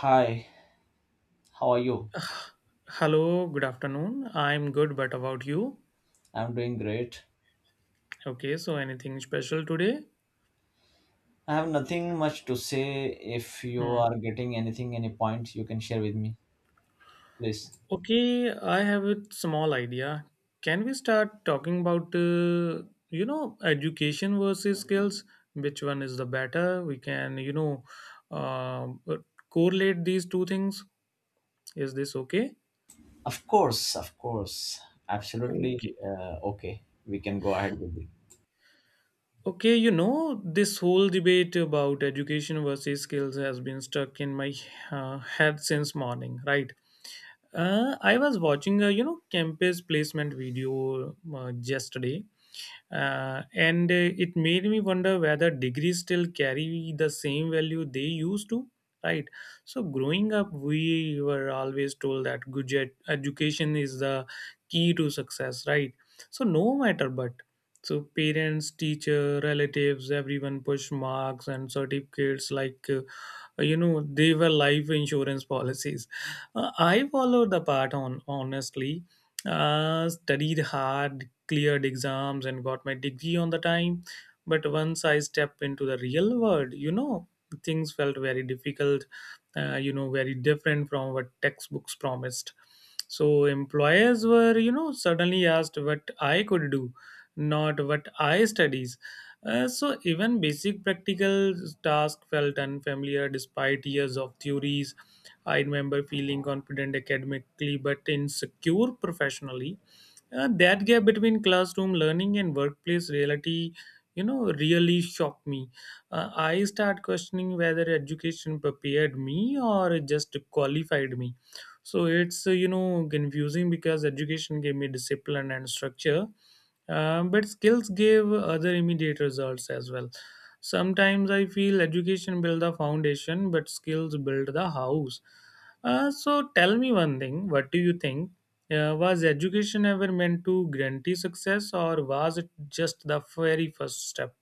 Hi, how are you? Hello, good afternoon. I'm good, but about you? I'm doing great. Okay, so anything special today? I have nothing much to say. If you are Hmm. getting anything, any points you can share with me, please. Okay, I have a small idea. Can we start talking about, education versus skills? Which one is the better? We can, uh, correlate these two things. Is this okay? Of course, of course. Okay. Absolutely. Okay, we can go ahead with this. Okay, this whole debate about education versus skills has been stuck in my head since morning, right? I was watching a campus placement video yesterday, and it made me wonder whether degrees still carry the same value they used to. Right. So growing up, we were always told that good education is the key to success. Right. So no matter but. So parents, teacher, relatives, everyone push marks and certificates like they were life insurance policies. I followed the path on honestly, studied hard, cleared exams, and got my degree on the time. But once I stepped into the real world, things felt very difficult, very different from what textbooks promised. So employers were, suddenly asked what I could do, not what I studied. So even basic practical tasks felt unfamiliar despite years of theories. I remember feeling confident academically but insecure professionally. That gap between classroom learning and workplace reality, really shocked me. I start questioning whether education prepared me or just qualified me. So it's confusing, because education gave me discipline and structure, but skills give other immediate results as well. Sometimes I feel education build the foundation, but skills build the house. So tell me one thing: what do you think? Was education ever meant to guarantee success, or was it just the very first step?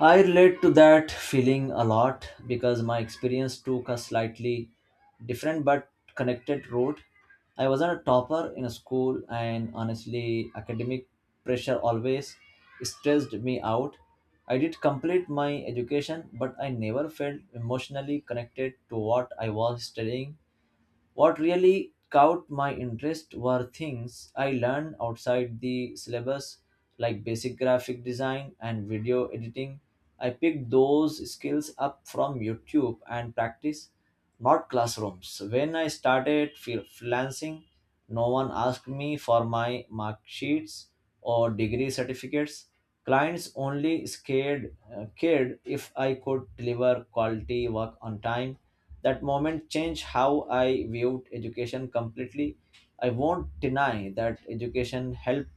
I relate to that feeling a lot because my experience took a slightly different but connected route. I wasn't a topper in a school, and honestly, academic pressure always stressed me out. I did complete my education, but I never felt emotionally connected to what I was studying. What really caught my interest were things I learned outside the syllabus, like basic graphic design and video editing. I picked those skills up from YouTube and practice, not classrooms. When I started freelancing, no one asked me for my mark sheets or degree certificates. Clients only scared cared if I could deliver quality work on time. That moment changed how I viewed education completely. I won't deny that education helped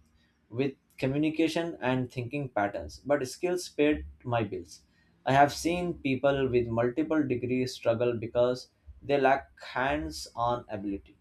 with communication and thinking patterns, but skills paid my bills. I have seen people with multiple degrees struggle because they lack hands on ability.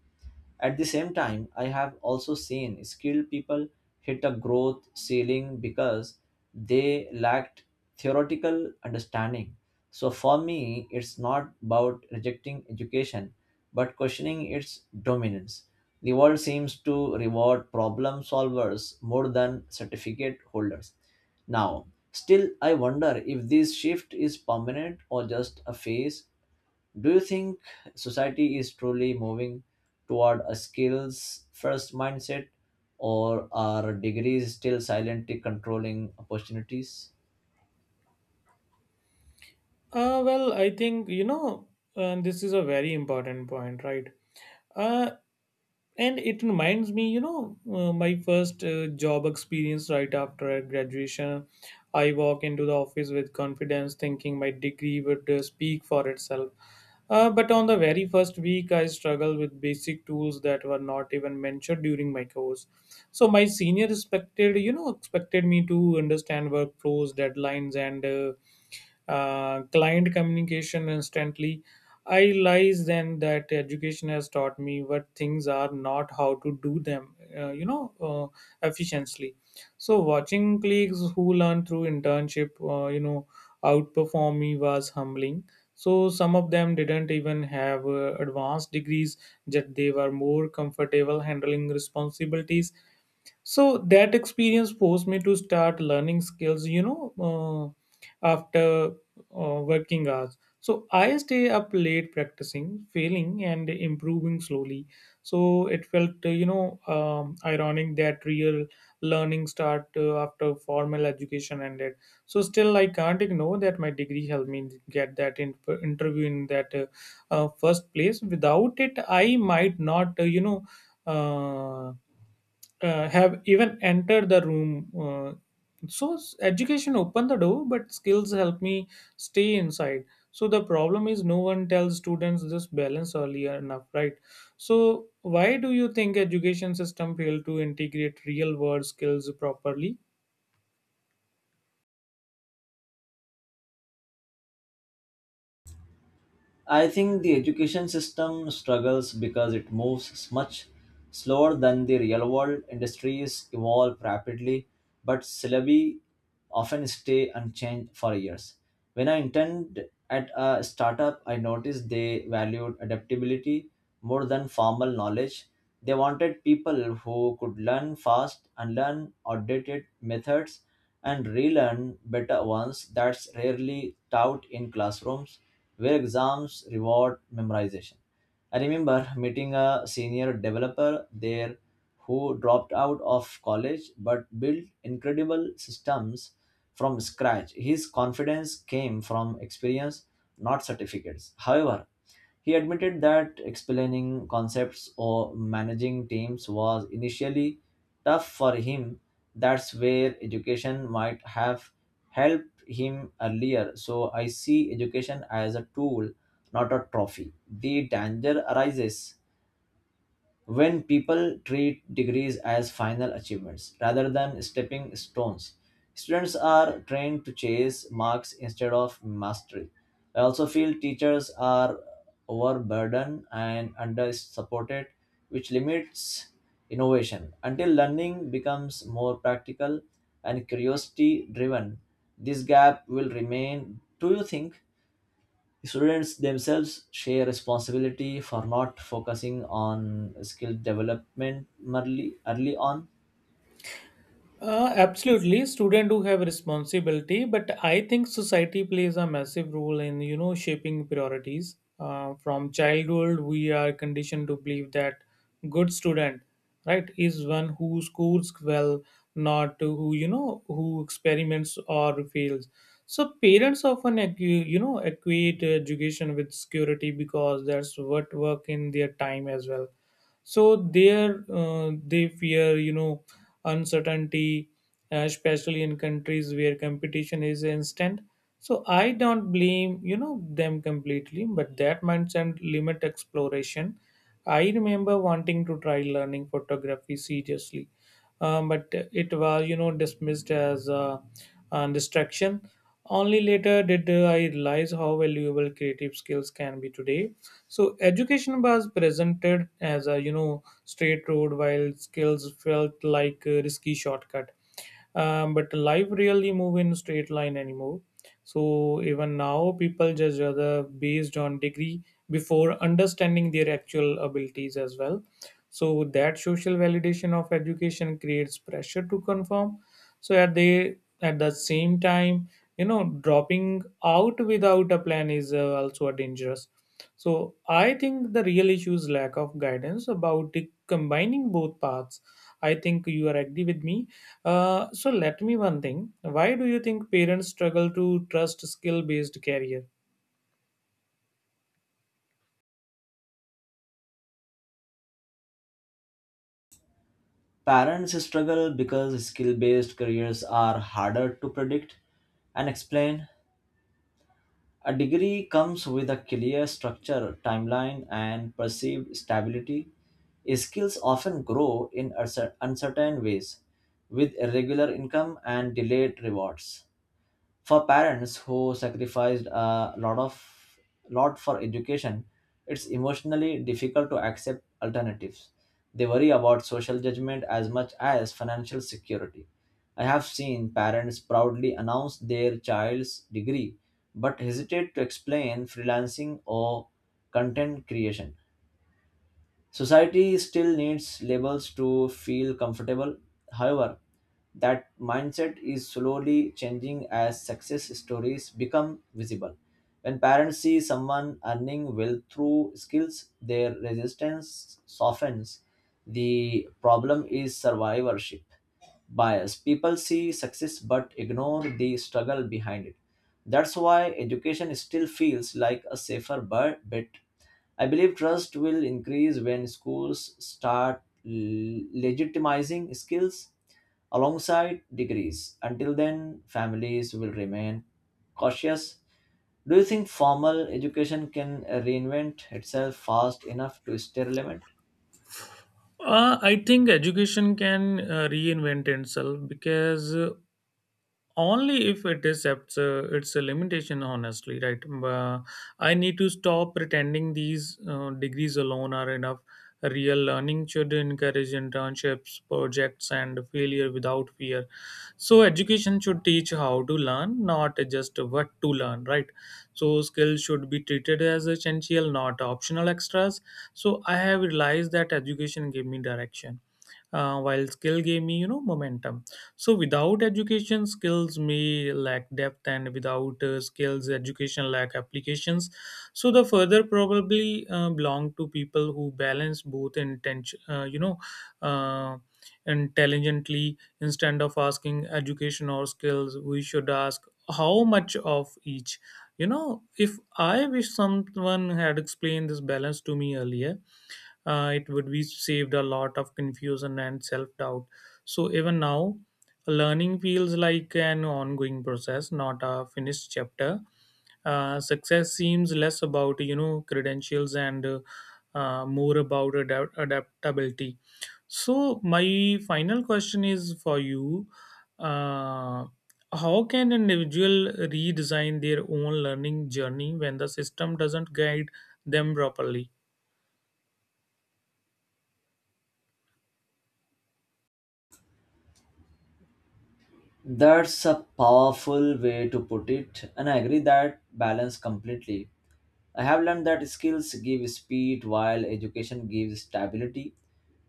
At the same time, I have also seen skilled people hit a growth ceiling because they lacked theoretical understanding. So for me, it's not about rejecting education, but questioning its dominance. The world seems to reward problem solvers more than certificate holders. Now, still, I wonder if this shift is permanent or just a phase. Do you think society is truly moving toward a skills first mindset, or are degrees still silently controlling opportunities? Well, I think, this is a very important point, right? Uh, And it reminds me, my first job experience right after graduation. I walk into the office with confidence, thinking my degree would speak for itself. But on the very first week, I struggled with basic tools that were not even mentioned during my course. So my senior expected me to understand workflows, deadlines, and client communication instantly. I realize then that education has taught me what things are, not how to do them, efficiently. So watching colleagues who learn through internship, outperform me was humbling. So some of them didn't even have advanced degrees, yet they were more comfortable handling responsibilities. So that experience forced me to start learning skills, after working hours. So I stay up late practicing, failing, and improving slowly. So it felt, ironic that real learning start after formal education ended. So still I can't ignore that my degree helped me get that interview in that first place. Without it, I might not uh have even entered the room. So education opened the door, but skills help me stay inside. So the problem is no one tells students this balance earlier enough, right? So why do you think education system fail to integrate real world skills properly? I think the education system struggles because it moves much slower than the real world. Industries evolve rapidly, but syllabi often stay unchanged for years. When I interned at a startup, I noticed they valued adaptability more than formal knowledge. They wanted people who could learn fast, unlearn outdated methods, and relearn better ones. That's rarely taught in classrooms where exams reward memorization. I remember meeting a senior developer there who dropped out of college but built incredible systems from scratch. His confidence came from experience, not certificates. However, he admitted that explaining concepts or managing teams was initially tough for him. That's where education might have helped him earlier. So I see education as a tool, not a trophy. The danger arises when people treat degrees as final achievements rather than stepping stones. Students are trained to chase marks instead of mastery. I also feel teachers are overburdened and under supported, which limits innovation. Until learning becomes more practical and curiosity driven, this gap will remain. Do you think students themselves share responsibility for not focusing on skill development early on? Absolutely, students do have responsibility, but I think society plays a massive role in, shaping priorities. From childhood, we are conditioned to believe that good student, right, is one who scores well, not who, who experiments or fails. So parents often equate education with security because that's what work in their time as well. So there, they fear, uncertainty, especially in countries where competition is instant. So I don't blame, them completely, but that mindset limit exploration. I remember wanting to try learning photography seriously, but it was, dismissed as a distraction. Only later did I realize how valuable creative skills can be today. So education was presented as a, straight road, while skills felt like a risky shortcut. But life really move in straight line anymore. So even now people judge other based on degree before understanding their actual abilities as well. So that social validation of education creates pressure to conform. So at the same time, dropping out without a plan is, also a dangerous. So I think the real issue is lack of guidance about the combining both paths. I think you are agree with me. So let me one thing. Why do you think parents struggle to trust skill based career? Parents struggle because skill based careers are harder to predict and explain. A degree comes with a clear structure, timeline, and perceived stability. Skills often grow in uncertain ways with irregular income and delayed rewards. For parents who sacrificed a lot for education, it's emotionally difficult to accept alternatives. They worry about social judgment as much as financial security. I have seen parents proudly announce their child's degree but hesitate to explain freelancing or content creation. Society still needs labels to feel comfortable. However, that mindset is slowly changing as success stories become visible. When parents see someone earning wealth through skills, their resistance softens. The problem is survivorship bias. People see success but ignore the struggle behind it. That's why education still feels like a safer bet. I believe trust will increase when schools start legitimizing skills alongside degrees. Until then, families will remain cautious. Do you think formal education can reinvent itself fast enough to stay relevant? I think education can reinvent itself because, only if it accepts it's a limitation honestly, right? I need to stop pretending these degrees alone are enough. Real learning should encourage internships, projects, and failure without fear. So education should teach how to learn, not just what to learn, right? So skills should be treated as essential, not optional extras. So I have realized that education gave me direction, while skill gave me, momentum. So without education, skills may lack depth, and without skills, education lack applications. So the further probably belong to people who balance both intention, uh, intelligently. Instead of asking education or skills, we should ask how much of each. If I wish someone had explained this balance to me earlier. It would be saved a lot of confusion and self-doubt. So even now, learning feels like an ongoing process, not a finished chapter. Success seems less about, credentials and more about adaptability. So my final question is for you: uh, how can an individual redesign their own learning journey when the system doesn't guide them properly? That's a powerful way to put it, and I agree that balance completely. I have learned that skills give speed while education gives stability.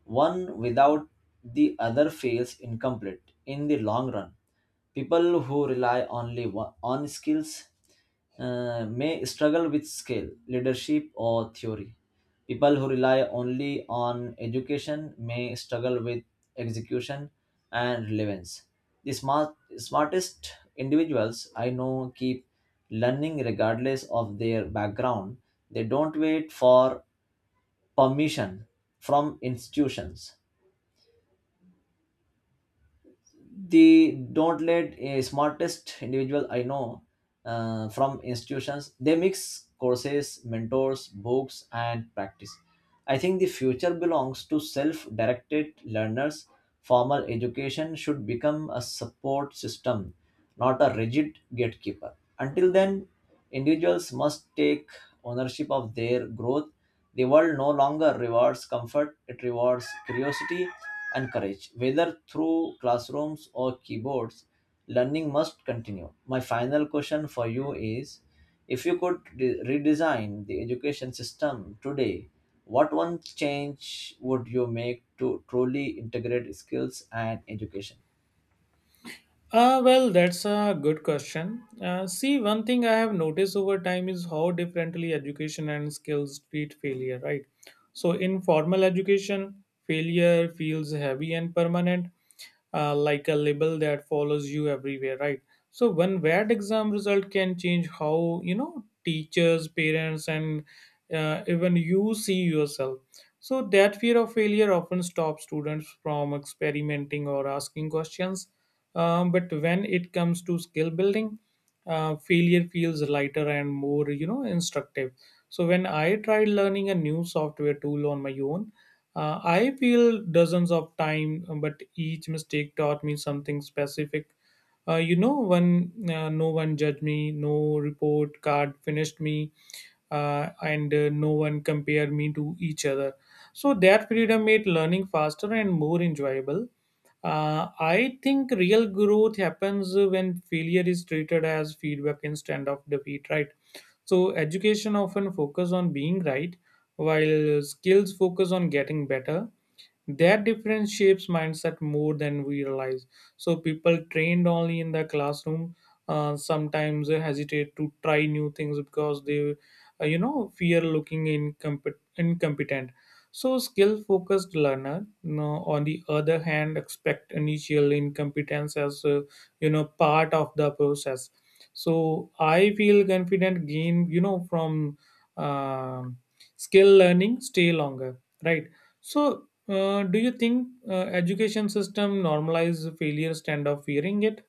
One without the other feels incomplete in the long run. People who rely only on skills may struggle with skill, leadership, or theory. People who rely only on education may struggle with execution and relevance. The smartest individuals I know keep learning regardless of their background. They don't wait for permission from institutions. They don't let a smartest individual I know from institutions They mix courses, mentors, books and practice. I think the future belongs to self-directed learners. Formal education should become a support system, not a rigid gatekeeper. Until then, individuals must take ownership of their growth. The world no longer rewards comfort, it rewards curiosity and courage. Whether through classrooms or keyboards, learning must continue. My final question for you is, if you could redesign the education system today, what one change would you make to truly integrate skills and education? Well, that's a good question. See, one thing I have noticed over time is how differently education and skills treat failure, right? So in formal education, failure feels heavy and permanent, like a label that follows you everywhere, right? So one bad exam result can change how, teachers, parents, and even you see yourself. So that fear of failure often stops students from experimenting or asking questions. But when it comes to skill building, failure feels lighter and more, instructive. So when I tried learning a new software tool on my own, I feel dozens of time, but each mistake taught me something specific. When no one judged me, no report card finished me, and no one compare me to each other. So that freedom made learning faster and more enjoyable. I think real growth happens when failure is treated as feedback instead of defeat, right? So education often focus on being right, while skills focus on getting better. That difference shapes mindset more than we realize. So people trained only in the classroom sometimes hesitate to try new things because they, fear looking incompetent. So skill-focused learner, no, on the other hand, expect initial incompetence as, part of the process. So I feel confident gain, you know from. Um skill learning stay longer, right? So do you think education system normalize failure instead of fearing it?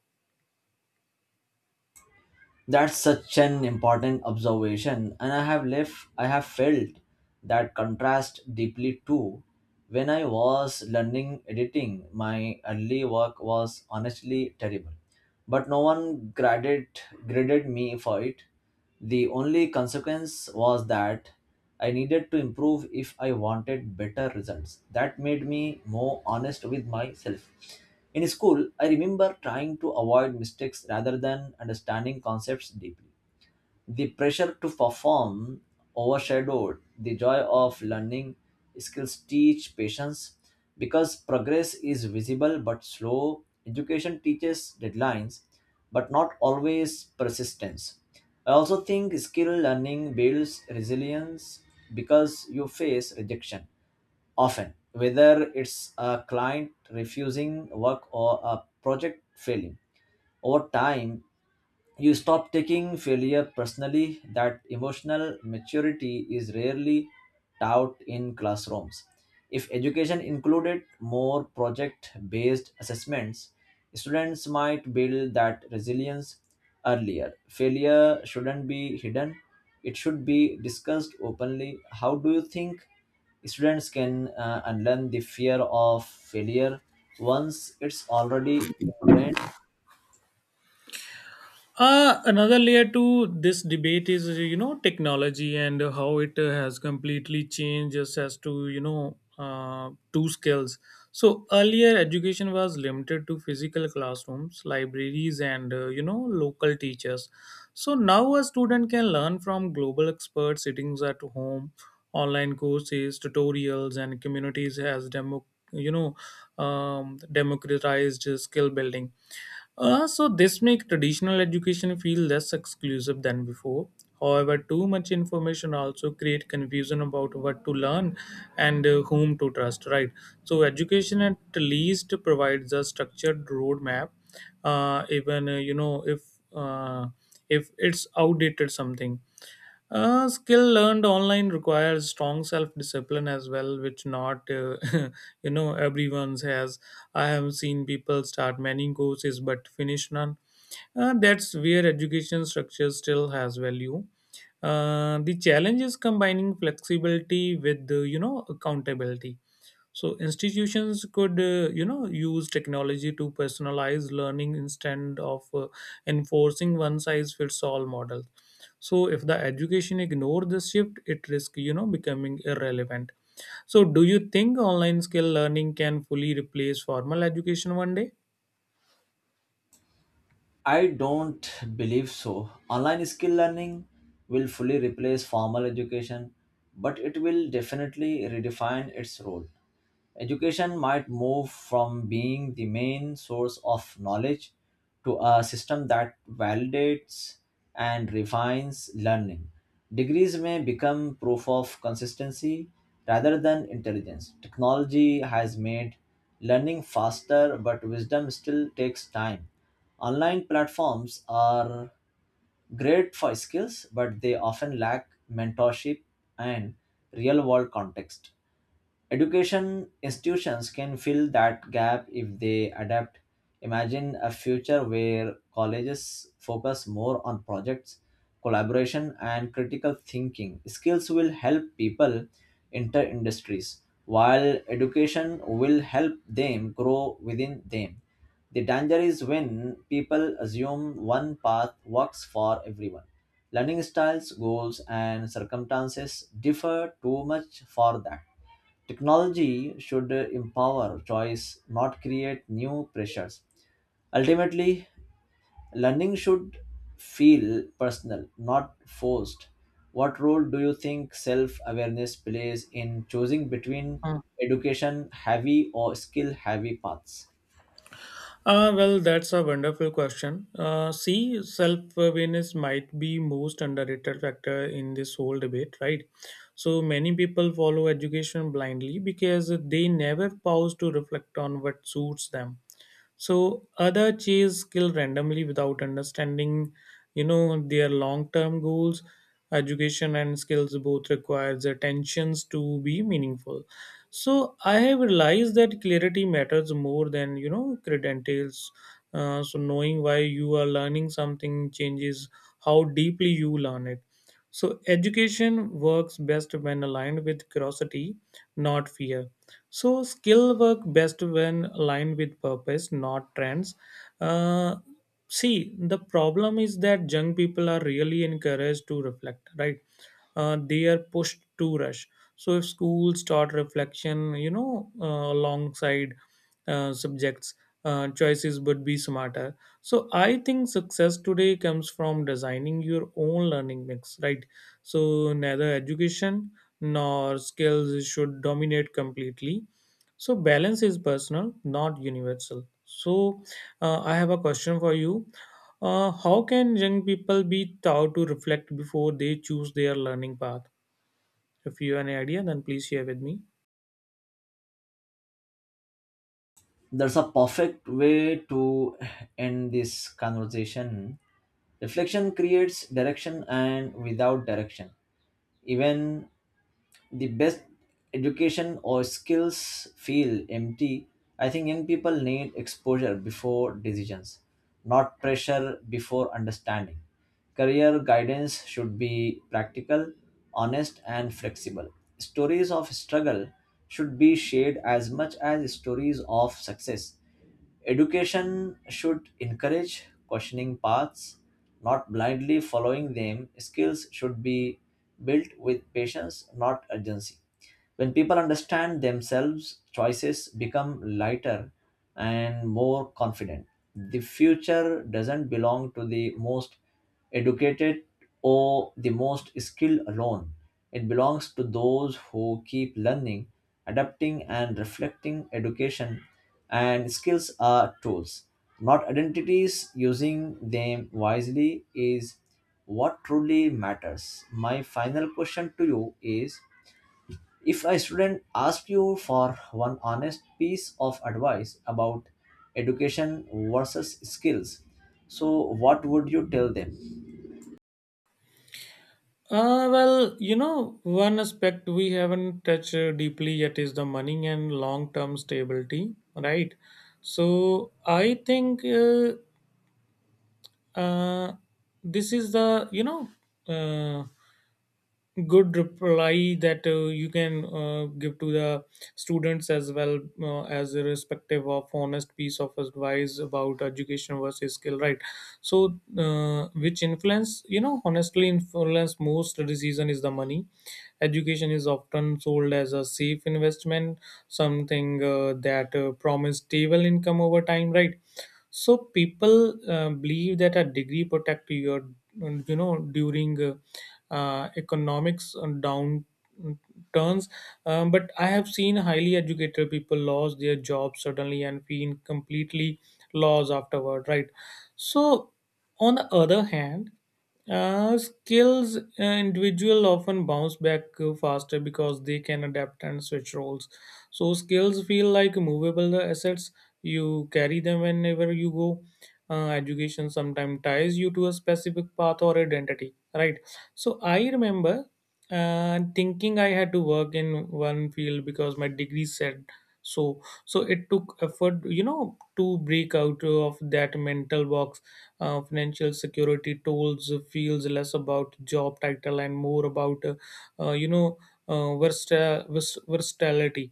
That's such an important observation, and I have felt that contrast deeply too. When I was learning editing, my early work was honestly terrible, but no one graded me for it. The only consequence was that I needed to improve if I wanted better results. That made me more honest with myself. In school, I remember trying to avoid mistakes rather than understanding concepts deeply. The pressure to perform overshadowed the joy of learning. Skills teach patience because progress is visible but slow. Education teaches deadlines but not always persistence. I also think skill learning builds resilience because you face rejection often, whether it's a client refusing work or a project failing. Over time, you stop taking failure personally. That emotional maturity is rarely taught in classrooms. If education included more project based assessments, students might build that resilience earlier. Failure shouldn't be hidden, it should be discussed openly. How do you think students can unlearn the fear of failure once it's already ingrained? Another layer to this debate is, technology and how it has completely changed us as to, two skills. So earlier education was limited to physical classrooms, libraries, and, local teachers. So now a student can learn from global experts sittings at home, online courses, tutorials, and communities has you know, democratized skill building. So this makes traditional education feel less exclusive than before. However, too much information also create confusion about what to learn and, whom to trust. Right. So education at least provides a structured roadmap. Even uh, if it's outdated something. Skill learned online requires strong self discipline as well, which not everyone's has. I have seen people start many courses but finish none. That's where education structure still has value. The challenge is combining flexibility with, accountability. So institutions could, use technology to personalize learning instead of enforcing one size fits all models. So if the education ignore this shift, it risks, becoming irrelevant. So do you think online skill learning can fully replace formal education one day? I don't believe so. Online skill learning will fully replace formal education, but it will definitely redefine its role. Education might move from being the main source of knowledge to a system that validates and refines learning. Degrees may become proof of consistency rather than intelligence. Technology has made learning faster, but wisdom still takes time. Online platforms are great for skills, but they often lack mentorship and real world context. Education institutions can fill that gap if they adapt. Imagine a future where colleges focus more on projects, collaboration, and critical thinking. Skills will help people enter industries, while education will help them grow within them. The danger is when people assume one path works for everyone. Learning styles, goals, and circumstances differ too much for that. Technology should empower choice, not create new pressures. Ultimately, learning should feel personal, not forced. What role do you think self awareness plays in choosing between Mm. education heavy or skill heavy paths? Well, that's a wonderful question. See, self-awareness might be most underrated factor in this whole debate, right? So many people follow education blindly because they never pause to reflect on what suits them. So other chase skill randomly without understanding, their long-term goals. Education and skills both requires attentions to be meaningful. So I have realized that clarity matters more than credentials. So knowing why you are learning something changes how deeply you learn it. So education works best when aligned with curiosity, not fear. So skill work best when aligned with purpose, not trends. Uh, see, the problem is that young people are really encouraged to reflect, right? They are pushed to rush. So if schools start reflection, alongside subjects, choices would be smarter. So I think success today comes from designing your own learning mix, right? So neither education nor skills should dominate completely. So balance is personal, not universal. So I have a question for you. How can young people be taught to reflect before they choose their learning path? If you have any idea, then please share with me. There's a perfect way to end this conversation. Reflection creates direction, and without direction, even the best education or skills feel empty. I think young people need exposure before decisions, not pressure before understanding. Career guidance should be practical, honest, and flexible. Stories of struggle should be shared as much as stories of success. Education should encourage questioning paths, not blindly following them. Skills should be built with patience, not urgency. When people understand themselves, choices become lighter and more confident. The future doesn't belong to the most educated or the most skilled alone. It belongs to those who keep learning, adapting, and reflecting. Education and skills are tools, not identities. Using them wisely is what truly matters. My final question to you is, if a student asks you for one honest piece of advice about education versus skills, so what would you tell them? Well, you know, one aspect we haven't touched deeply yet is the money and long term stability, right? So I think uh, this is the uh, good reply that you can give to the students as well as irrespective of honest piece of advice about education versus skill, right? So which influence, honestly, influence most decision is the money. Education is often sold as a safe investment, something that promise stable income over time, right? So people believe that a degree protect your you know, during economics down mm, turns, but I have seen highly educated people lost their jobs suddenly and feel completely lost afterward, right? So on the other hand, skills individual often bounce back faster because they can adapt and switch roles. So skills feel like movable assets, you carry them whenever you go. Education sometimes ties you to a specific path or identity, right? So I remember thinking I had to work in one field because my degree said so. So it took effort, to break out of that mental box. Financial security tools feels less about job title and more about uh, you know versatility.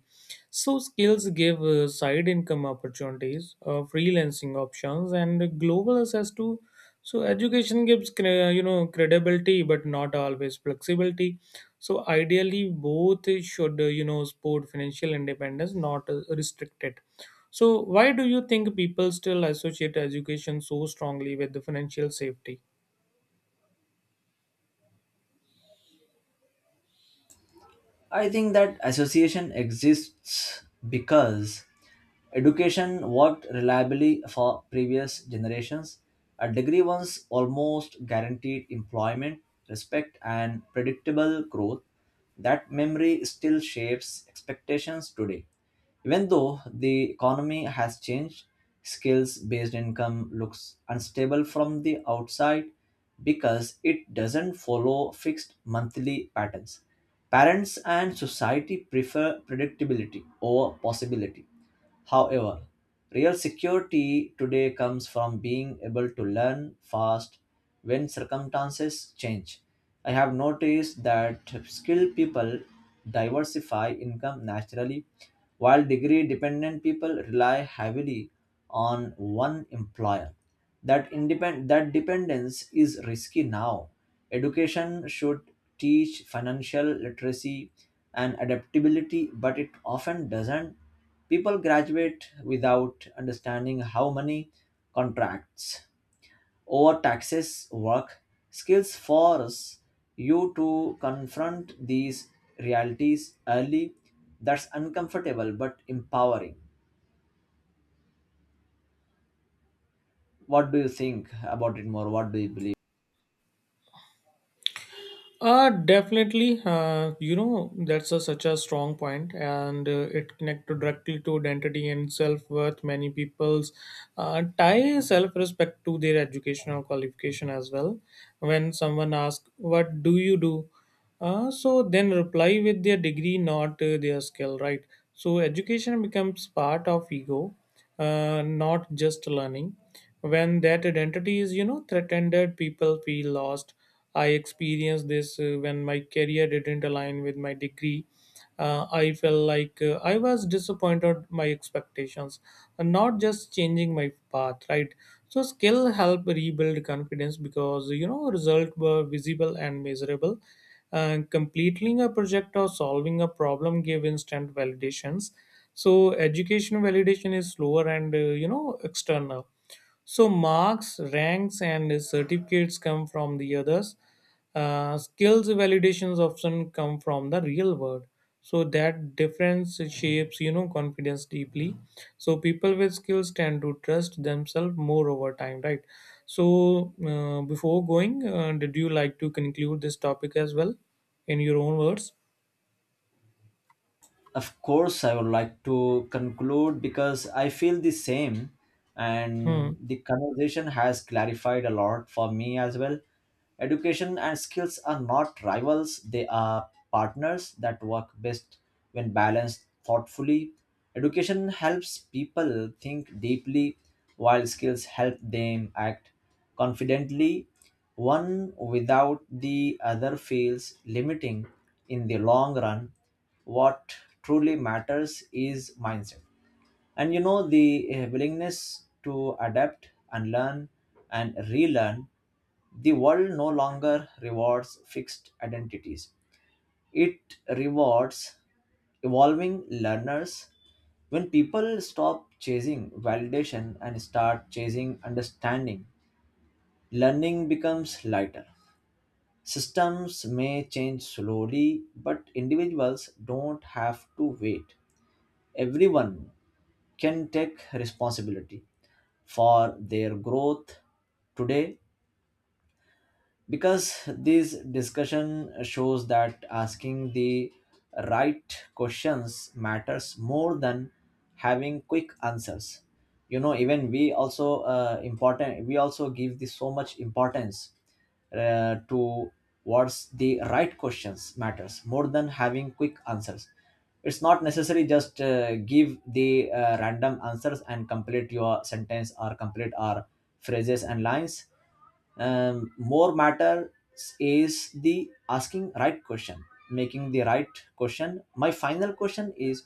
So skills give side income opportunities, freelancing options, and global access to. So education gives credibility, but not always flexibility. So, ideally, both should support financial independence, not restrict it. So, why do you think people still associate education so strongly with the financial safety? I think that association exists because education worked reliably for previous generations. A degree once almost guaranteed employment, respect, and predictable growth. That memory still shapes expectations today. Even though the economy has changed, skills based income looks unstable from the outside because it doesn't follow fixed monthly patterns. Parents and society prefer predictability over possibility. However, real security today comes from being able to learn fast when circumstances change. I have noticed that skilled people diversify income naturally, while degree dependent people rely heavily on one employer. That dependence is risky now. Education should teach financial literacy and adaptability, but it often doesn't. People graduate without understanding how money, contracts, or taxes work. Skills force you to confront these realities early. That's uncomfortable but empowering. What do you think about it more? What do you believe? Definitely. You know, that's a, such a strong point, and it connects directly to identity and self worth. Many people's tie self respect to their educational qualification as well. When someone asks, "What do you do?" So then reply with their degree, not their skill, right? So education becomes part of ego, not just learning. When that identity is, you know, threatened, people feel lost. I experienced this when my career didn't align with my degree. I felt like I was disappointed my expectations, and not just changing my path, right? So skill help rebuild confidence because, you know, results were visible and measurable. And completing a project or solving a problem gave instant validations. So education validation is slower and, you know, external, so marks, ranks, and certificates come from the others. Skills validations often come from the real world. So that difference shapes, you know, confidence deeply. So people with skills tend to trust themselves more over time, right? So before going, did you like to conclude this topic as well in your own words? Of course, I would like to conclude because I feel the same, and Hmm. the conversation has clarified a lot for me as well. Education and skills are not rivals, they are partners that work best when balanced thoughtfully. Education helps people think deeply, while skills help them act confidently. One without the other feels limiting in the long run. What truly matters is mindset and you know the willingness to adapt and learn and relearn. The world no longer rewards fixed identities, it rewards evolving learners. When people stop chasing validation and start chasing understanding, learning becomes lighter. Systems may change slowly, but individuals don't have to wait. Everyone can take responsibility for their growth today, because this discussion shows that asking the right questions matters more than having quick answers. Even we also important, we also give this so much importance to what's the right questions matters more than having quick answers. It's not necessary just give the random answers and complete your sentence or complete our phrases and lines. More matters is the asking right question, making the right question. My final question is,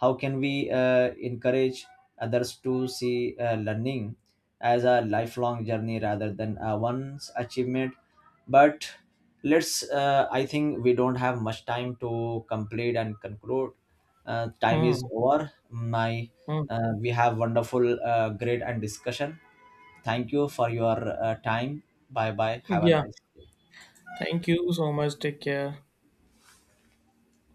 how can we encourage others to see learning as a lifelong journey rather than a one's achievement? But let's. I think we don't have much time to complete and conclude. Time is Hmm. over. My Hmm. We have great and discussion. Thank you for your time. Bye bye. Have a Yeah. nice day. Thank you so much. Take care.